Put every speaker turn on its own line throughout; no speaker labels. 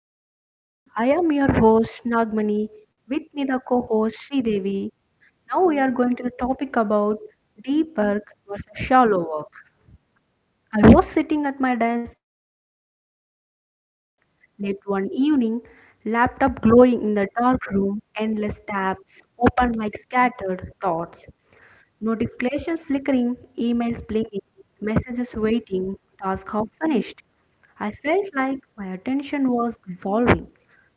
today's episode. I am your host Nagmani, with me the co-host Sri Devi. Now we are going to the topic about deep work versus shallow work. I was sitting at my desk late one evening, laptop glowing in the dark room, endless tabs open like scattered thoughts, notifications flickering, emails blinking, messages waiting, task half finished. I felt like my attention was dissolving,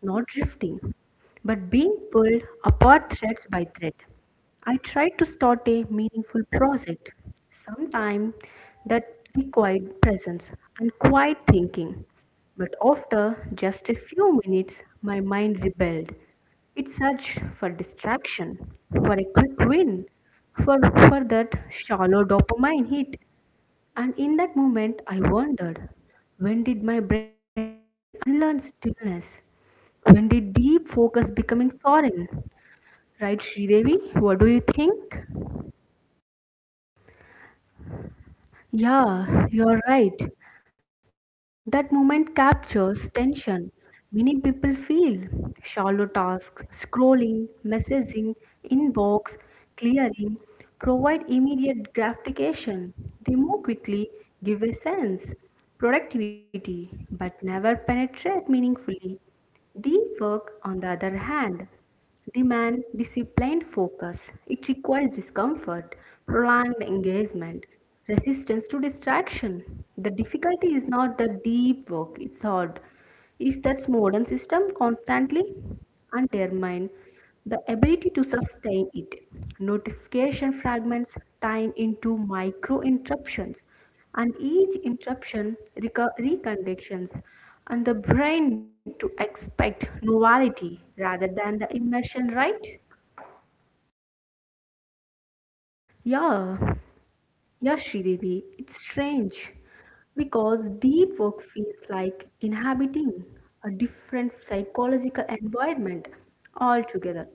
not drifting, but being pulled apart threads by thread. I tried to start a meaningful project, sometime that required presence and quiet thinking. But after just a few minutes, my mind rebelled. It searched for distraction, for a quick win, for, for that shallow dopamine hit. And in that moment, I wondered, when did my brain unlearn stillness? When did deep focus becoming foreign? Right, Sridevi? What do you think?
Yeah, you're right. That moment captures tension. Many people feel shallow tasks, scrolling, messaging, inbox, clearing, provide immediate gratification. They move quickly, give a sense, productivity, but never penetrate meaningfully. Deep work, on the other hand, demands disciplined focus. It requires discomfort, prolonged engagement, resistance to distraction. The difficulty is not the deep work, it's hard. Is that modern system constantly undermine the ability to sustain it? Notification fragments time into micro interruptions and each interruption reconditions and the brain to expect novelty rather than the immersion, right.
Yeah. Yeah, Shridevi, it's strange because deep work feels like inhabiting a different psychological environment altogether.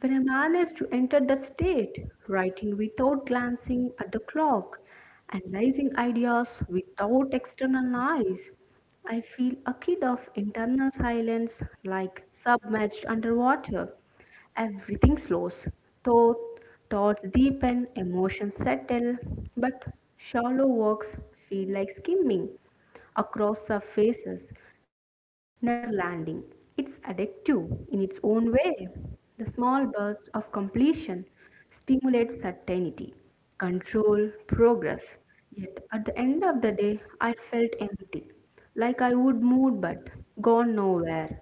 When I manage to enter that state, writing without glancing at the clock, analyzing ideas without external noise, I feel a kid of internal silence like submerged underwater. Everything slows, thought, thoughts deepen, emotions settle, but shallow walks feel like skimming across surfaces, never landing. It's addictive in its own way. The small burst of completion stimulates certainty, control, progress. Yet at the end of the day, I felt empty, like I would move but gone nowhere.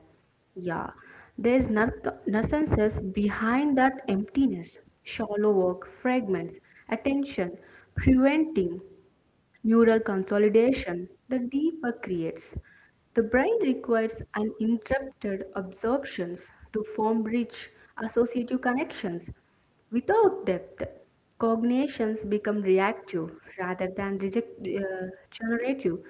Yeah, there's narcissus behind that emptiness, shallow work, fragments, attention, preventing neural consolidation the deeper creates. The brain requires uninterrupted absorptions to form rich associative connections. Without depth, cognitions become reactive rather than reject, generative.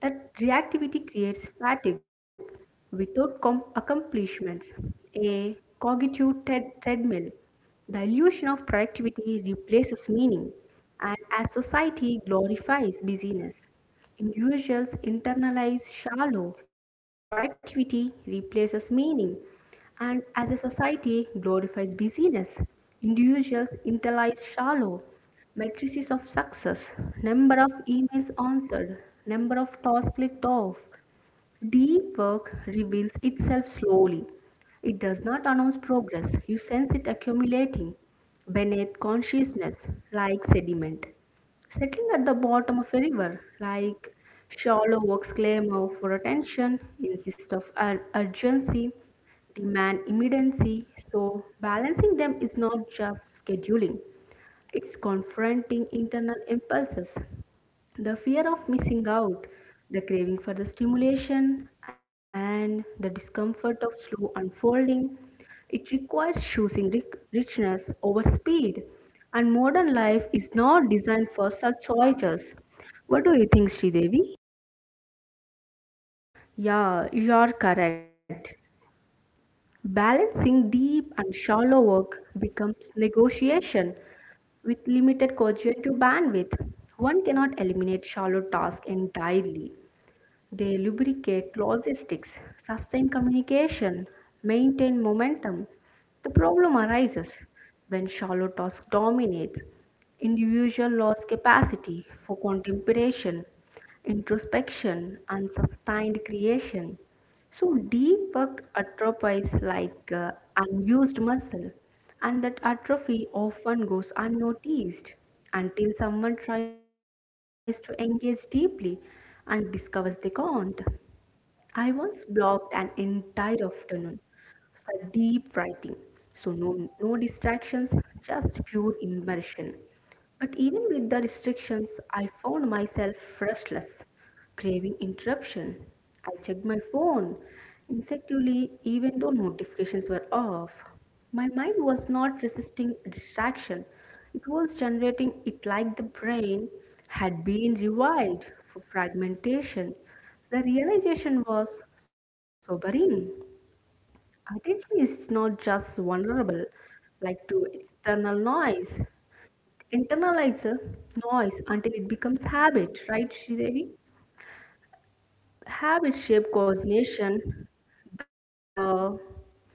That reactivity creates fatigue without accomplishments, a cognitive treadmill, the illusion of productivity replaces meaning, and as society glorifies busyness, individuals internalize shallow productivity replaces meaning, and as a society glorifies busyness, individuals internalize shallow matrices of success, number of emails answered, number of tasks clicked off. Deep work reveals itself slowly. It does not announce progress, you sense it accumulating beneath consciousness like sediment. Settling at the bottom of a river like shallow work's clamor for attention, insist of urgency, demand immediacy. So, balancing them is not just scheduling, it's confronting internal impulses, the fear of missing out, the craving for the stimulation, and the discomfort of slow unfolding. It requires choosing richness over speed, and modern life is not designed for such choices. What do you think, Sridevi?
Yeah, you are correct. Balancing deep and shallow work becomes negotiation with limited cognitive bandwidth. One cannot eliminate shallow tasks entirely. They lubricate logistics, sustain communication, maintain momentum. The problem arises when shallow task dominates. Individual loss capacity for contemplation, introspection, and sustained creation. So deep work atrophies like unused muscle, and that atrophy often goes unnoticed until someone tries to engage deeply and discovers they can't. I once blocked an entire afternoon for deep writing. So, no distractions, just pure immersion. But even with the restrictions, I found myself restless, craving interruption. I checked my phone instinctively, even though notifications were off. My mind was not resisting distraction, it was generating it, like the brain had been rewired for fragmentation. The realization was sobering. Attention is not just vulnerable like to external noise. Internalize the noise until it becomes habit, right, Sridevi? Habit shape coordination. The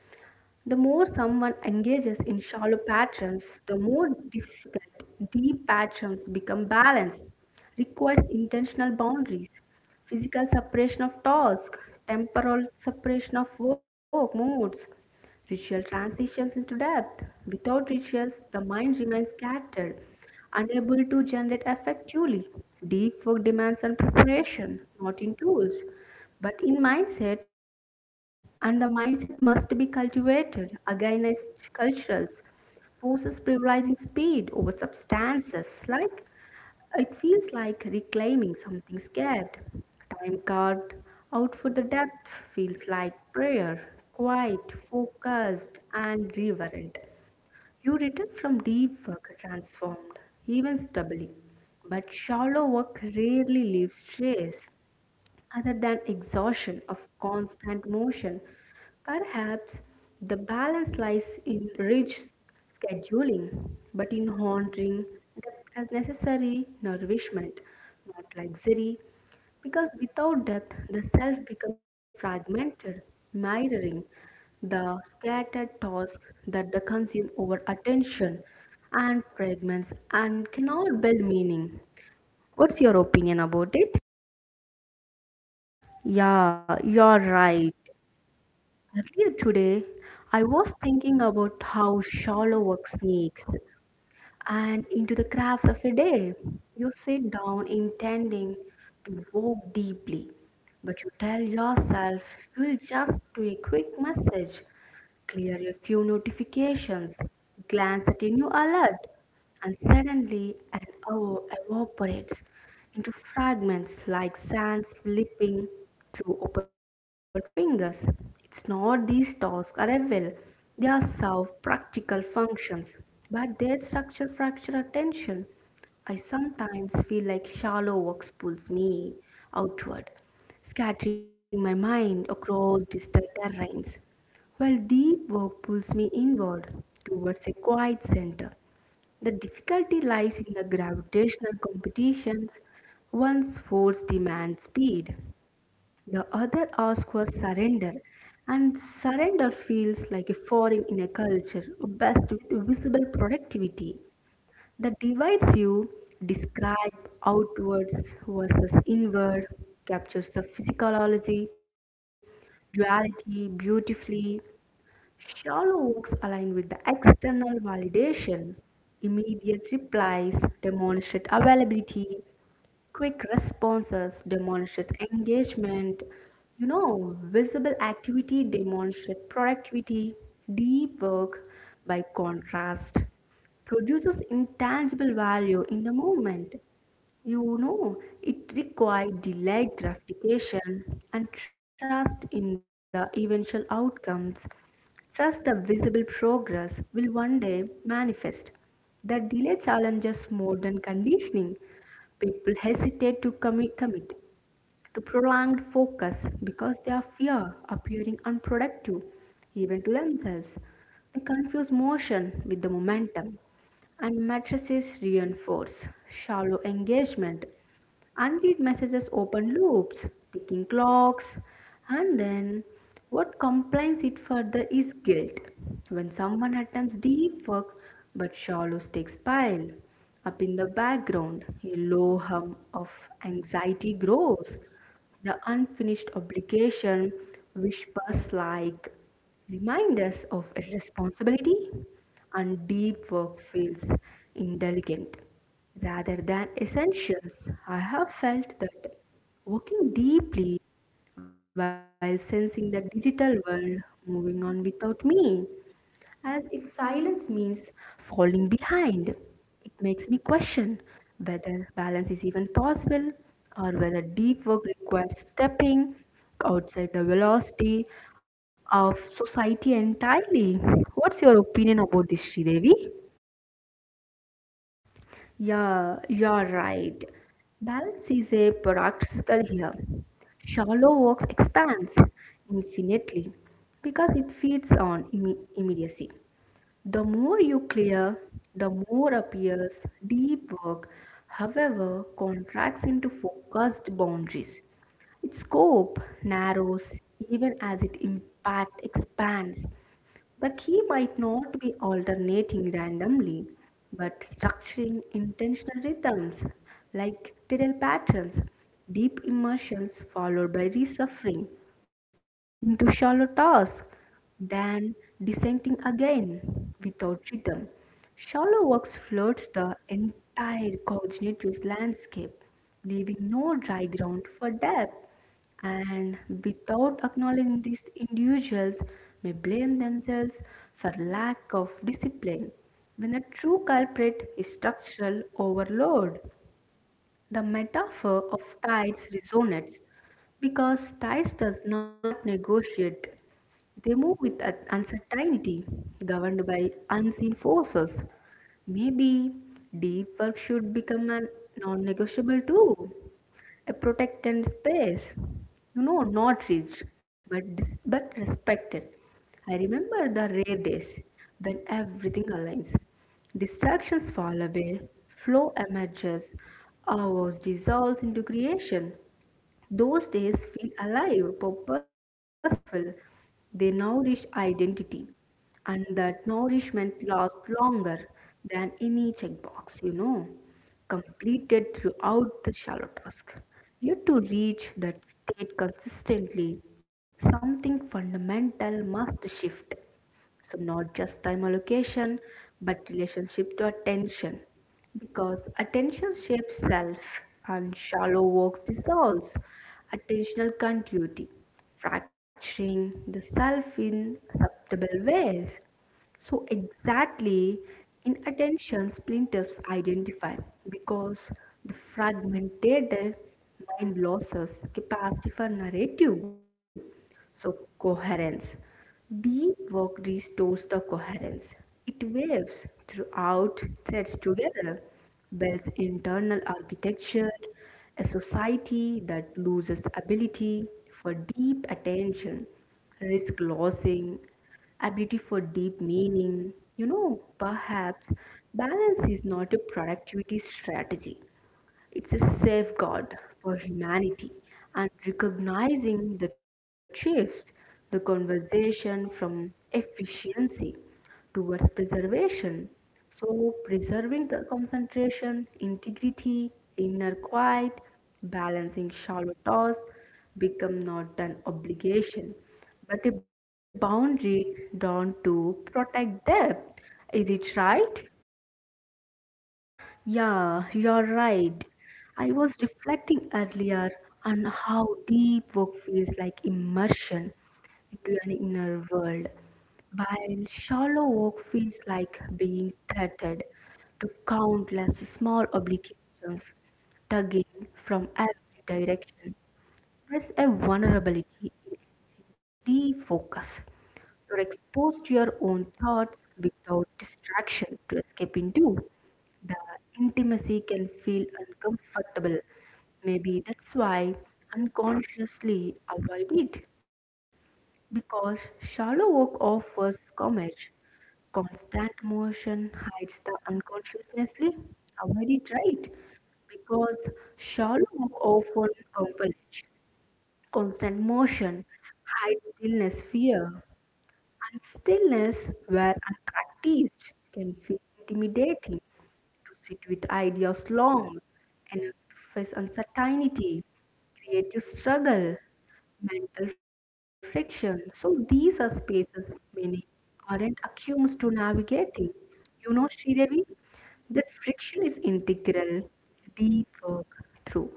the more someone engages in shallow patterns, the more difficult deep patterns become balanced, requires intentional boundaries. Physical separation of task, temporal separation of work moods, ritual transitions into depth. Without rituals, the mind remains scattered, unable to generate effectively. Deep work demands on preparation, not in tools, but in mindset, and the mindset must be cultivated against cultures forces privileging speed over substances, like it feels like reclaiming something scared. Time carved out for the depth feels like prayer, quiet, focused, and reverent. You return from deep work transformed, even stubbly. But shallow work rarely leaves trace other than exhaustion of constant motion. Perhaps the balance lies in rich scheduling, but in honoring depth as necessary nourishment, not luxury, because without depth the self becomes fragmented, mirroring the scattered thoughts that the consume over attention and fragments and cannot build meaning. What's your opinion about it?
Yeah, you're right. Earlier today, I was thinking about how shallow work sneaks and into the crafts of a day. You sit down intending to walk deeply, but you tell yourself you will just do a quick message, clear a few notifications, glance at a new alert, and suddenly an hour evaporates into fragments like sand slipping through open fingers. It's not these tasks are evil, they are serve practical functions, but their structure fracture attention. I sometimes feel like shallow works pulls me outward, scattering my mind across distant terrains, while deep work pulls me inward towards a quiet center. The difficulty lies in the gravitational competitions. One's force demands speed, the other asks for surrender, and surrender feels like a foreign in a culture, best with visible productivity. The divides you describe outwards versus inward, captures the physiology, duality beautifully. Shallow works align with the external validation, immediate replies, demonstrate availability, quick responses, demonstrate engagement, you know, visible activity, demonstrate productivity, deep work by contrast produces intangible value in the moment. You know, it requires delayed gratification and trust in the eventual outcomes. Trust the visible progress will one day manifest. The delay challenges modern conditioning. People hesitate to commit to prolonged focus because they are fear appearing unproductive, even to themselves. They confuse motion with the momentum, and matrices reinforce shallow engagement. Unread messages open loops, ticking clocks, and then what complains it further is guilt. When someone attempts deep work but shallow stakes pile up in the background, a low hum of anxiety grows. The unfinished obligation whispers like reminders of irresponsibility, and deep work feels indelicate rather than essentials. I have felt that walking deeply while sensing the digital world moving on without me, as if silence means falling behind. It makes me question whether balance is even possible or whether deep work requires stepping outside the velocity of society entirely. What's your opinion about this, Sridevi?
Yeah, you're right. Balance is a product circle here. Shallow works expands infinitely because it feeds on immediacy. The more you clear, the more appears deep work, however, contracts into focused boundaries. Its scope narrows even as its impact expands. The key might not be alternating randomly, but structuring intentional rhythms like tidal patterns, deep immersions followed by resuffering into shallow tasks, then descending again without rhythm. Shallow works floods the entire cognitive landscape, leaving no dry ground for depth. And without acknowledging this, individuals may blame themselves for lack of discipline when a true culprit is structural overload. The metaphor of tides resonates because tides does not negotiate. They move with uncertainty, governed by unseen forces. Maybe deep work should become a non-negotiable too, a protected space, you know, not reached but but respected. I remember the rare days when everything aligns, distractions fall away, flow emerges, ours dissolves into creation. Those days feel alive, purposeful. They nourish identity, and that nourishment lasts longer than any checkbox, completed throughout the shallow task. Yet to reach that state consistently, something fundamental must shift. So, not just time allocation, but relationship to attention. Because attention shapes self, and shallow works dissolves attentional continuity, fracturing the self in acceptable ways. So exactly, inattention splinters identify because the fragmented mind loses capacity for narrative. So coherence. Deep work restores the coherence. It waves throughout threads together. Bell's internal architecture, a society that loses ability for deep attention, risk losing, ability for deep meaning. You know, perhaps balance is not a productivity strategy. It's a safeguard for humanity and recognizing the shift, the conversation from efficiency towards preservation. So, preserving the concentration, integrity, inner quiet, balancing shallow toss, become not an obligation but a boundary drawn to protect depth. Is it right?
Yeah, you're right. I was reflecting earlier on how deep work feels like immersion into an inner world, while shallow work feels like being tethered to countless small obligations tugging from every direction. There's a vulnerability in deep focus. You're exposed to your own thoughts without distraction to escape into. The intimacy can feel uncomfortable. Maybe that's why unconsciously avoid it. Because shallow work offers coverage. Constant motion hides the unconsciously. Avoid it, right? Because shallow work often compels constant motion, hides stillness, fear, and stillness where unpracticed can feel intimidating to sit with ideas long enough to face uncertainty, creative struggle, mental friction. So these are spaces many aren't accustomed to navigating. You know, Shridevi, that friction is integral, deep work through.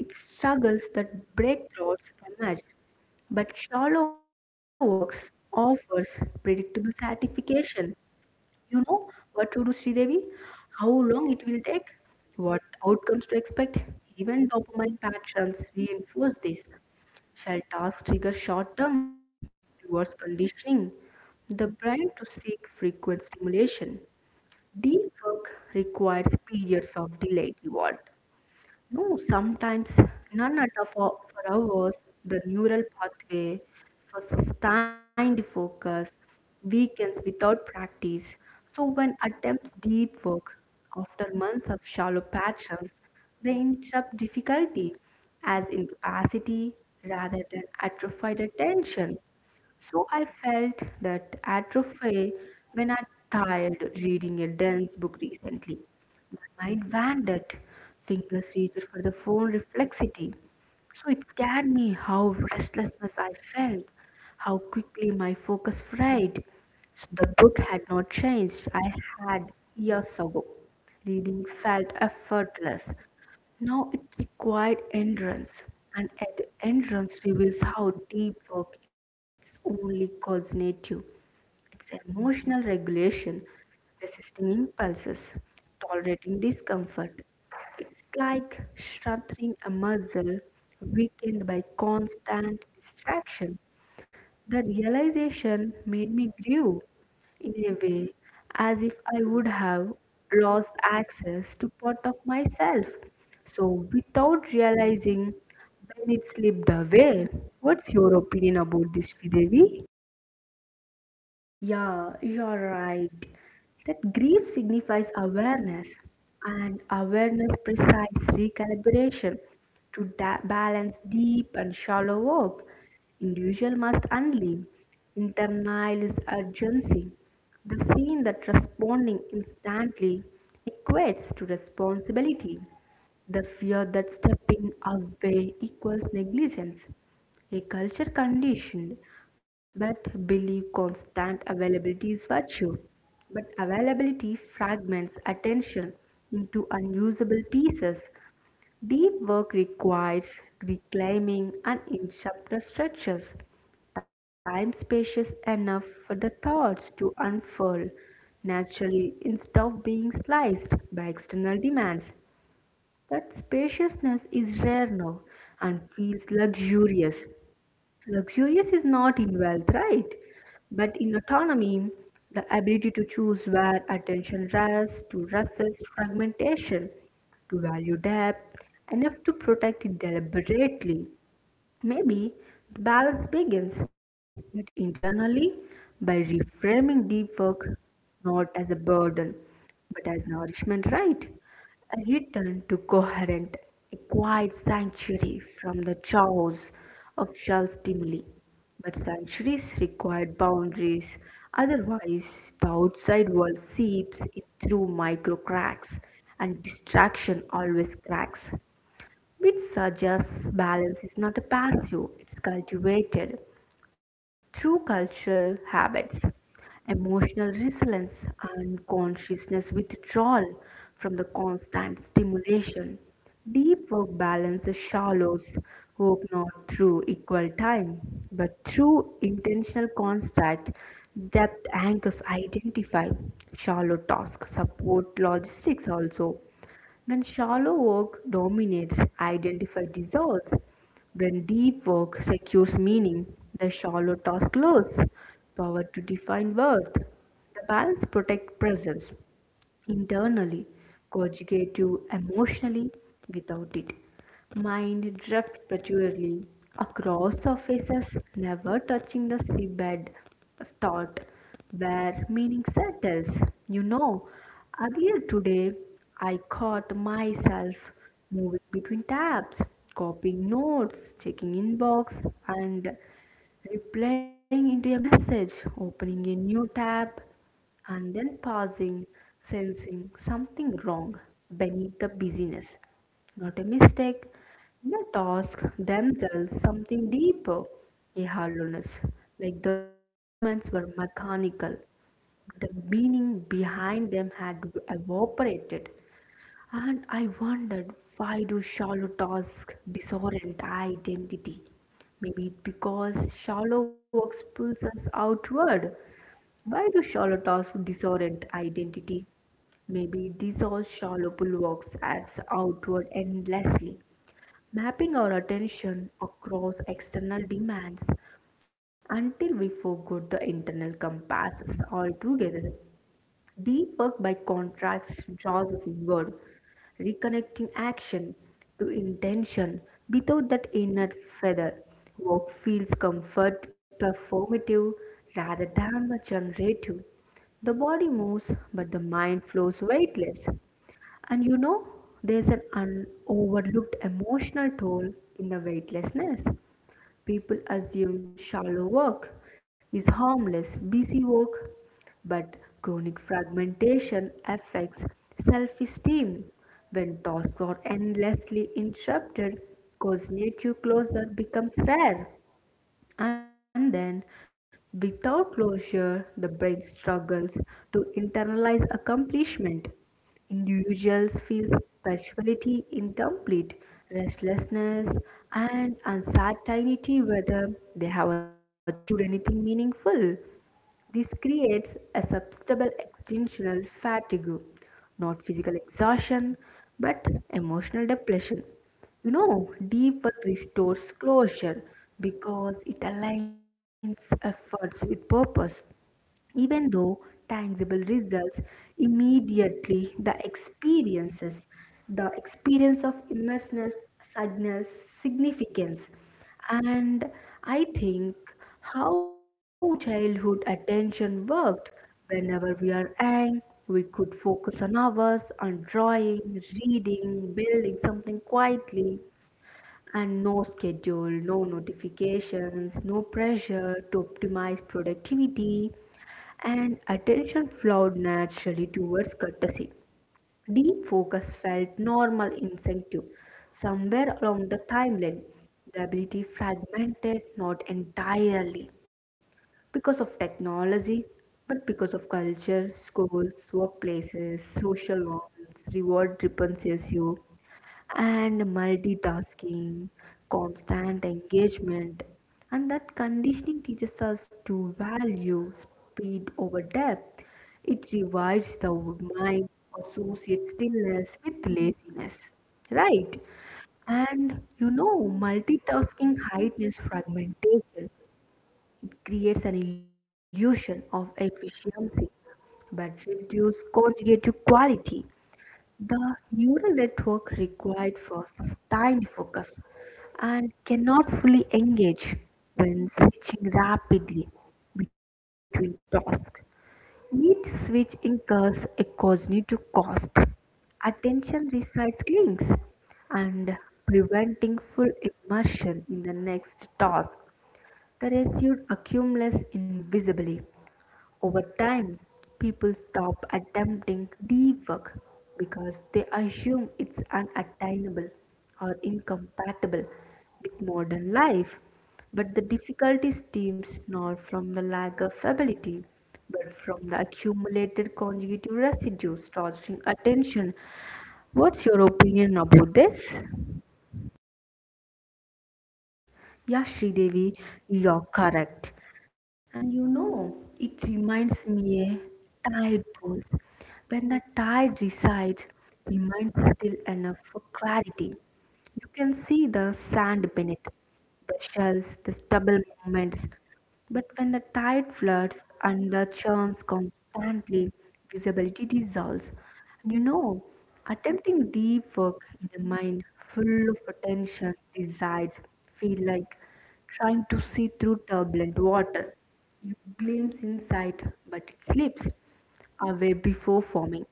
It's struggles that breakthroughs emerge, but shallow works offers predictable satisfaction. You know what to do, Sridevi? How long it will take? What outcomes to expect? Even dopamine patterns reinforce this. Shall tasks trigger short term rewards conditioning? The brain to seek frequent stimulation. Deep work requires periods of delayed reward. No, sometimes none at all for hours, the neural pathway for sustained focus weakens without practice. So when attempts deep work after months of shallow patterns, they interrupt difficulty as incapacity rather than atrophied attention. So I felt that atrophy when I tired reading a dense book recently. My mind wandered, fingers reached for the phone reflexity. So it scared me how restlessness I felt, how quickly my focus frayed. So the book had not changed. I had years ago. Reading felt effortless, now it required endurance, and endurance reveals how deep work is only cognitive. It's emotional regulation, resisting impulses, tolerating discomfort. It's like strengthening a muscle weakened by constant distraction. The realization made me grieve in a way, as if I would have lost access to part of myself. So, without realizing when it slipped away, what's your opinion about this, Devi?
Yeah, you're right. That grief signifies awareness, and awareness precise recalibration to balance deep and shallow work. Individual must unleash, internalize urgency, the scene that responding instantly equates to responsibility, the fear that stepping away equals negligence. A culture conditioned but believe constant availability is virtue. But availability fragments attention into unusable pieces. Deep work requires reclaiming and in chapter structures. Time spacious enough for the thoughts to unfurl naturally instead of being sliced by external demands. That spaciousness is rare now and feels luxurious. Luxurious is not in wealth, right? But in autonomy, the ability to choose where attention rests, to resist fragmentation, to value depth, enough to protect it deliberately. Maybe the balance begins, but internally, by reframing deep work not as a burden, but as nourishment, right? A return to coherent, a quiet sanctuary from the chaos of shell stimuli. But sanctuaries require boundaries, otherwise, the outside world seeps in through micro cracks, and distraction always cracks, which suggests balance is not a passive, it's cultivated through cultural habits, emotional resilience, and consciousness withdrawal from the constant stimulation. Deep work balances shallows work not through equal time, but through intentional construct. Depth anchors identify shallow task support logistics also. When shallow work dominates, identify dissolves. When deep work secures meaning, the shallow task loses power to define worth. The balance protects presence, internally, conjugate you emotionally without it. Mind drift prematurely across surfaces, never touching the seabed of thought where meaning settles. You know, earlier today I caught myself moving between tabs, copying notes, checking inbox, and replying into a message, opening a new tab and then pausing, sensing something wrong beneath the busyness. Not a mistake, not task themselves, something deeper, a hollowness, like the movements were mechanical. The meaning behind them had evaporated, and I wondered, why do shallow tasks disorient identity? Maybe it's because shallow works pulls us outward. Why do shallow talks disorient identity? Maybe these all shallow pull works as outward endlessly, mapping our attention across external demands until we forgot the internal compasses altogether. Deep work, by contrast, draws us inward, reconnecting action to intention. Without that inner feather, work feels comfort performative rather than the generative. The body moves, but the mind flows weightless. And you know, there's an overlooked emotional toll in the weightlessness. People assume shallow work is harmless, busy work, but chronic fragmentation affects self esteem. When tasks are endlessly interrupted, cognitive closure becomes rare. And then, without closure, the brain struggles to internalize accomplishment. Individuals feel spirituality incomplete, restlessness, and uncertainty whether they have achieved anything meaningful. This creates a substantial existential fatigue, not physical exhaustion, but emotional depletion. You know, deep work restores closure because it aligns efforts with purpose, even though tangible results immediately the experience of immersiveness, sadness, significance, and I think how childhood attention worked. Whenever we are young, we could focus on hours on drawing, reading, building something quietly, and no schedule, no notifications, no pressure to optimize productivity, and attention flowed naturally towards courtesy. Deep focus felt normal instinctive, somewhere along the timeline. The ability fragmented not entirely because of technology, but because of culture, schools, workplaces, social norms, reward repenses you and multitasking, constant engagement. And that conditioning teaches us to value speed over depth. It revives the mind, associates stillness with laziness. Right? And you know, multitasking heightens fragmentation. It creates an illusion of efficiency but reduce conjugative quality. The neural network required for sustained focus and cannot fully engage when switching rapidly between tasks. Each switch incurs a cognitive cost. Attention resides links and preventing full immersion in the next task, the residue accumulates invisibly. Over time, people stop attempting deep work because they assume it's unattainable or incompatible with modern life. But the difficulty stems not from the lack of ability, but from the accumulated conjugative residue torturing attention. What's your opinion about this?
Yeah, Sridevi, you're correct. And you know, it reminds me a tide pulls. When the tide resides, the mind is still enough for clarity. You can see the sand beneath, the shells, the stubble movements, but when the tide floods and the charms constantly, visibility dissolves. And you know, attempting deep work in a mind full of attention desires feel like trying to see through turbulent water. You glimpse insight, but it slips away before forming.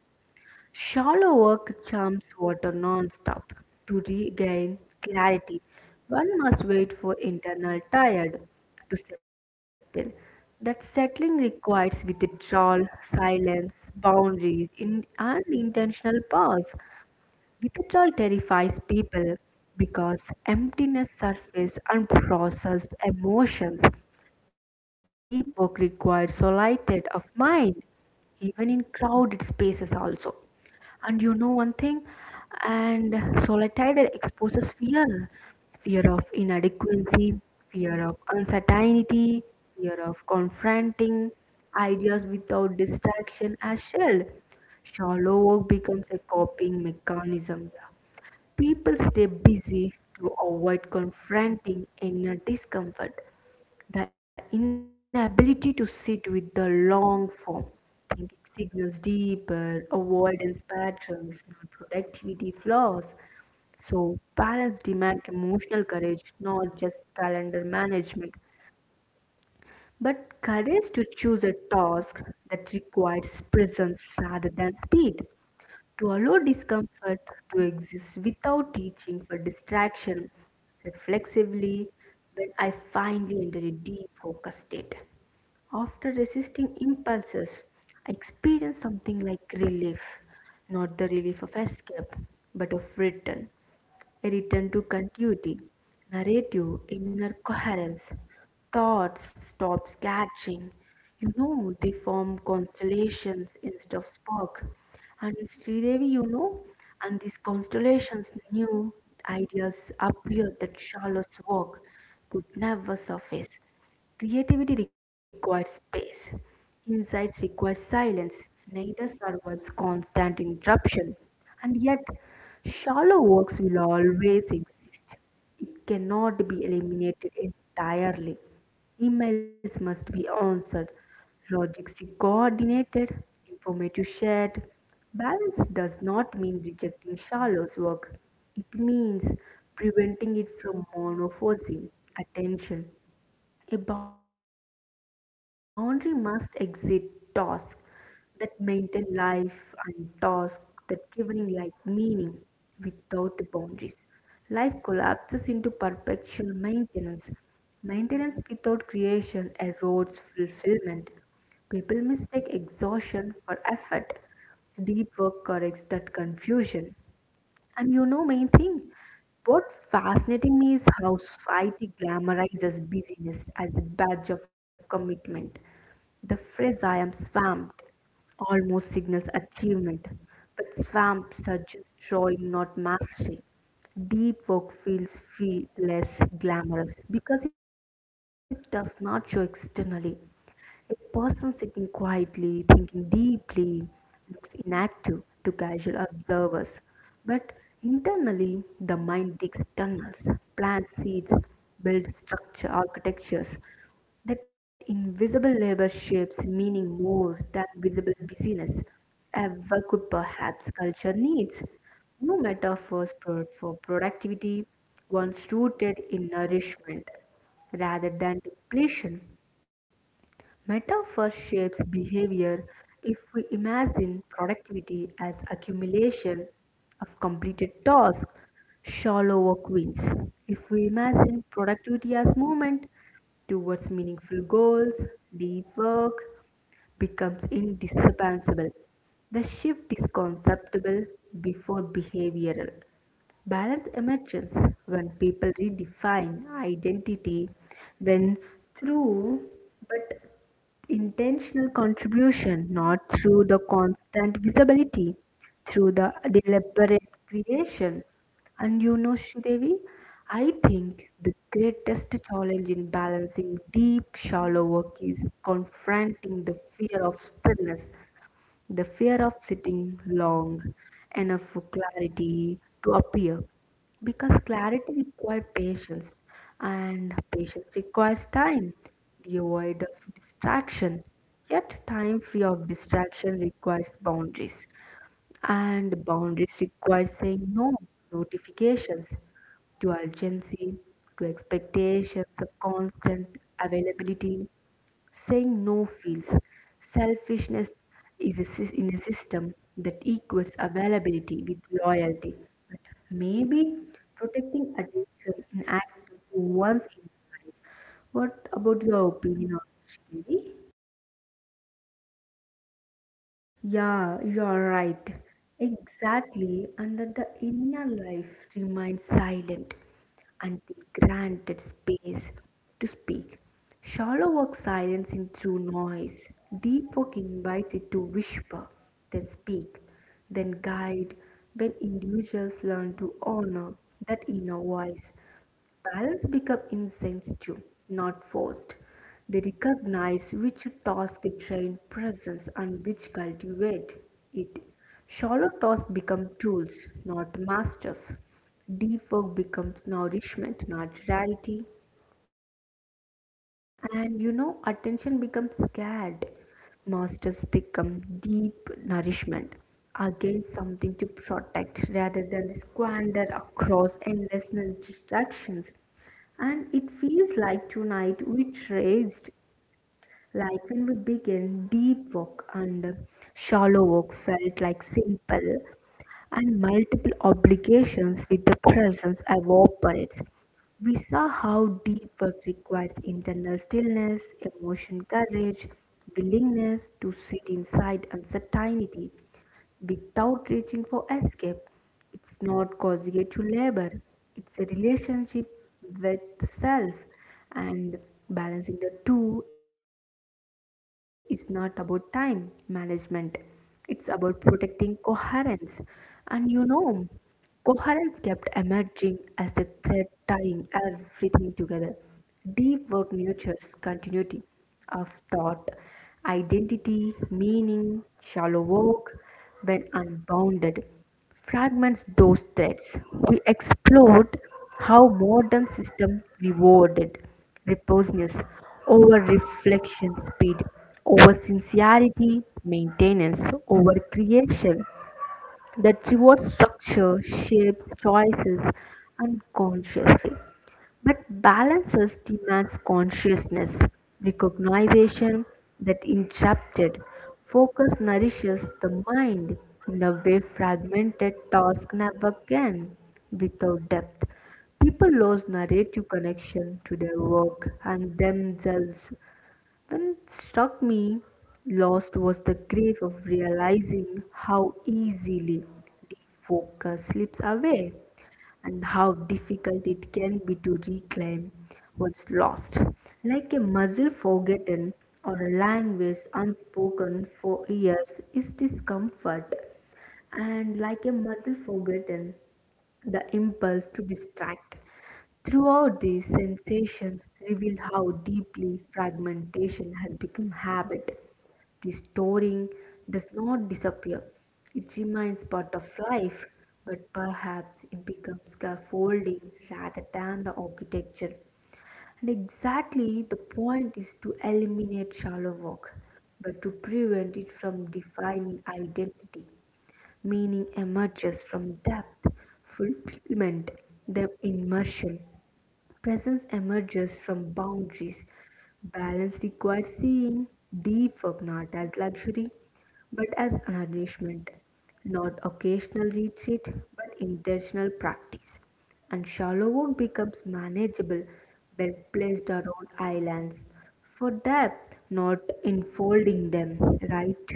Shallow work chumps water non-stop. To regain clarity, one must wait for internal tired to settle. That settling requires withdrawal, silence, boundaries, in, and intentional pause. Withdrawal terrifies people because emptiness surfaces unprocessed emotions. Deep work requires solitude of mind even in crowded spaces also. And you know one thing, and solitude exposes fear, fear of inadequacy, fear of uncertainty, fear of confronting ideas without distraction as shield. Shallow work becomes a coping mechanism. People stay busy to avoid confronting inner discomfort. The inability to sit with the long form thinking signals deeper avoidance patterns, not productivity flaws. So, balance demand emotional courage, not just calendar management, but courage to choose a task that requires presence rather than speed. To allow discomfort to exist without teaching for distraction, reflexively, when I finally enter a deep focus state. After resisting impulses, I experience something like relief, not the relief of escape, but of return, a return to continuity, narrative, inner coherence. Thoughts stop scattering. You know, they form constellations instead of spark. And Sridevi, you know, and these constellations new ideas appear that Charlotte's work could never surface. Creativity requires space. Insights require silence. Neither survives constant interruption. And yet, shallow works will always exist. It cannot be eliminated entirely. Emails must be answered, logics coordinated, informative shared. Balance does not mean rejecting shallow's work. It means preventing it from monophosing attention. A boundary must exist tasks that maintain life and tasks that giving life meaning without the boundaries. Life collapses into perpetual maintenance. Maintenance without creation erodes fulfillment. People mistake exhaustion for effort. Deep work corrects that confusion. And you know, main thing, what fascinating me is how society glamorizes busyness as a badge of commitment. The phrase I am swamped almost signals achievement, but swamp suggests drawing, not mastery. Deep work feels feel less glamorous because it does not show externally. A person sitting quietly, thinking deeply, looks inactive to casual observers. But internally, the mind digs tunnels, plants seeds, builds structure architectures. That invisible labor shapes meaning more than visible busyness ever could perhaps culture needs. No metaphors for productivity, once rooted in nourishment rather than depletion. Metaphor shapes behavior if we imagine productivity as accumulation of completed tasks, shallow work wins. If we imagine productivity as movement towards meaningful goals, deep work becomes indispensable. The shift is conceptual before behavioral. Balance emerges when people redefine identity when through but intentional contribution, not through the constant visibility, through the deliberate creation. Shridevi, I think the greatest challenge in balancing deep, shallow work is confronting the fear of stillness, the fear of sitting long enough for clarity to appear, because clarity requires patience and patience requires time devoid of distraction, yet time free of distraction requires boundaries and boundaries require saying no notifications, to urgency, to expectations of constant availability. Saying no feels selfishness is in a system that equates availability with loyalty. But maybe protecting attention in act to one's inner life. What about your opinion on it, Shree?
Yeah, you are right. Exactly, and that the inner life remains silent until granted space to speak. Shallow work silencing through noise. Deep work invites it to whisper, then speak, then guide. When individuals learn to honor that inner voice, balance become incense not forced. They recognize which task train presence and which cultivate it. Shallow tasks become tools, not masters. Deep work becomes nourishment, not reality. And you know, attention becomes scared. Masters become deep nourishment, again something to protect rather than squander across endless distractions. And it feels like tonight we traced, like when we began, deep work and shallow work felt like simple, and multiple obligations with the presence evaporates. We saw how deep work requires internal stillness, emotion courage, willingness to sit inside uncertainty without reaching for escape. It's not conjugal labor, it's a relationship with self, and balancing the two is not about time management, it's about protecting coherence. And you know, coherence kept emerging as the thread tying everything together. Deep work nurtures continuity of thought, identity, meaning, shallow work, when unbounded fragments those threads. We explored how modern systems rewarded repousness over reflection speed, over sincerity, maintenance, over creation. That reward structure shapes choices unconsciously. But balances demands consciousness, recognition that interrupted focus nourishes the mind in a way fragmented task never can without depth. People lose narrative connection to their work and themselves. When it struck me, lost was the grief of realizing how easily focus slips away and how difficult it can be to reclaim what's lost, like a muscle forgotten or a language unspoken for years is discomfort and like a muscle forgotten, the impulse to distract throughout these sensations reveal how deeply fragmentation has become habit. The does not disappear. It remains part of life, but perhaps it becomes scaffolding rather than the architecture. And exactly the point is to eliminate shallow work, but to prevent it from defining identity. Meaning emerges from depth, fulfillment, then immersion. Presence emerges from boundaries. Balance requires seeing deep work not as luxury, but as an nourishment, not occasional retreat, but intentional practice. And shallow work becomes manageable when placed around islands for depth, not enfolding them, right?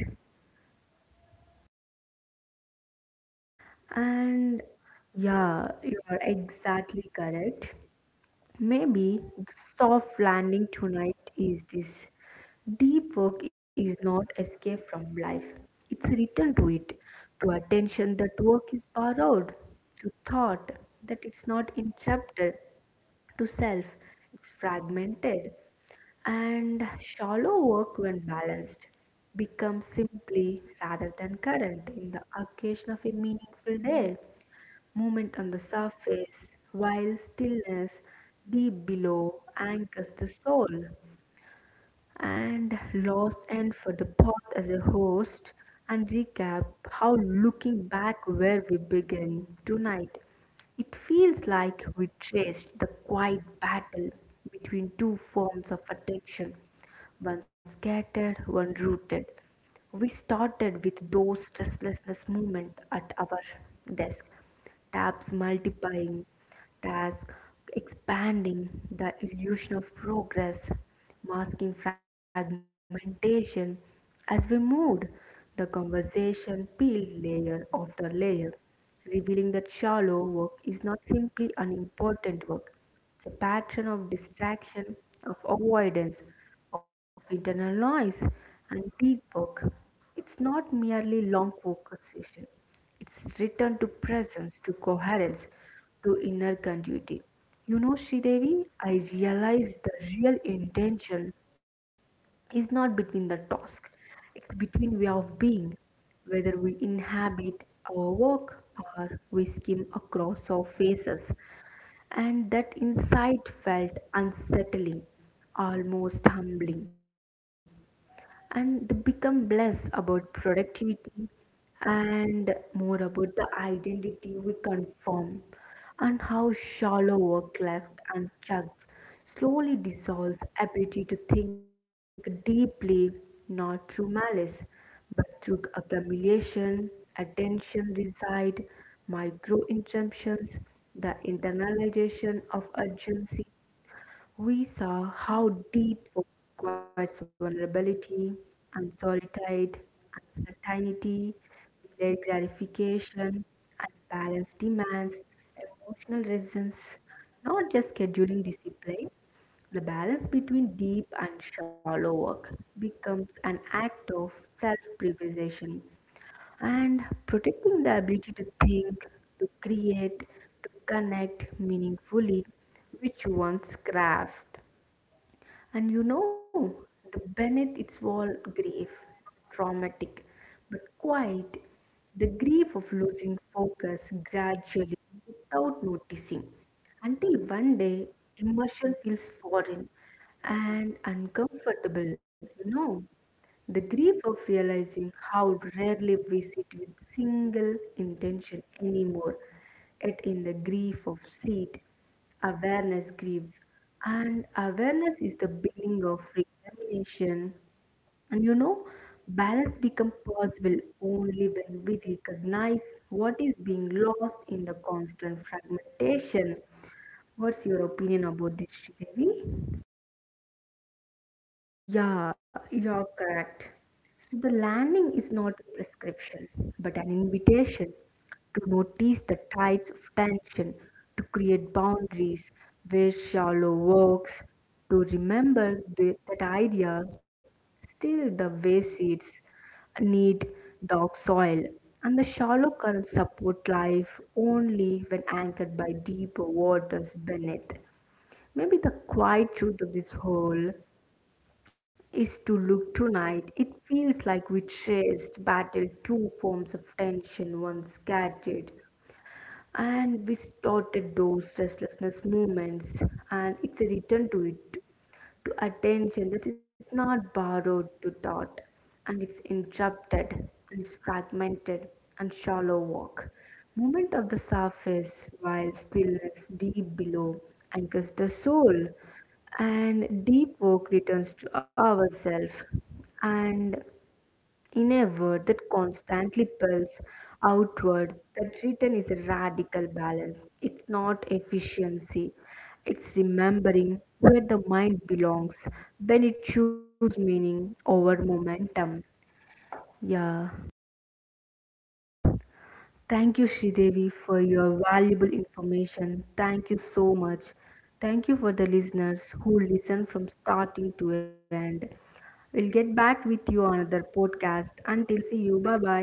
And yeah, you are exactly correct. Maybe the soft landing tonight is this. Deep work is not escape from life. It's a return to it, to attention that work is borrowed, to thought that it's not interrupted, to self it's fragmented, and shallow work when balanced becomes simply rather than current in the occasion of a meaningful day. Movement on the surface, while stillness deep below anchors the soul and lost and for the path as a host and recap how, looking back where we began tonight, it feels like we traced the quiet battle between two forms of attention, one scattered one rooted. We started with those restlessness movement at our desk, tabs multiplying, task expanding, the illusion of progress, masking fragmentation. As we moved, the conversation peeled layer after layer, revealing that shallow work is not simply unimportant work. It's a pattern of distraction, of avoidance, of internal noise, and deep work. It's not merely long focus session. It's return to presence, to coherence, to inner continuity. You know, Sridevi, I realize the real intention is not between the task, it's between way of being, whether we inhabit our work or we skim across our faces. And that insight felt unsettling, almost humbling, and they become less about productivity and more about the identity we conform, and how shallow work left unchecked slowly dissolves ability to think deeply, not through malice but through accumulation, attention reside micro interruptions, the internalization of urgency. We saw how deep work requires vulnerability, and solitude, uncertainty, delayed gratification, and balance demands emotional resistance, not just scheduling discipline. The balance between deep and shallow work becomes an act of self preservation and protecting the ability to think, to create, to connect meaningfully, which one's craft. And you know, the beneath its wall grief, traumatic but quiet, the grief of losing focus gradually without noticing, until one day immersion feels foreign and uncomfortable, The grief of realizing how rarely we sit with single intention anymore, yet in the grief of seat, awareness grieves, and awareness is the beginning of recrimination. And you know, balance becomes possible only when we recognize what is being lost in the constant fragmentation. What's your opinion about this, Devi?
Yeah, you're correct. So the landing is not a prescription, but an invitation to notice the tides of tension, to create boundaries where shallow works, to remember the, that ideas still the way seeds need dark soil, and the shallow currents support life only when anchored by deeper waters beneath. Maybe the quiet truth of this whole is to look tonight. It feels like we chased, battled two forms of tension, one scattered, and we started those restlessness moments, and it's a return to it, to attention that is not borrowed to thought, and it's interrupted, and it's fragmented, and shallow work. Movement of the surface while stillness deep below anchors the soul, and deep work returns to ourself. And in a word that constantly pulls outward, that return is a radical balance. It's not efficiency. It's remembering where the mind belongs when it chooses meaning over momentum. Yeah.
Thank you, Sridevi, for your valuable information. Thank you so much. Thank you for the listeners who listen from starting to end. We'll get back with you on another podcast. Until see you. Bye bye.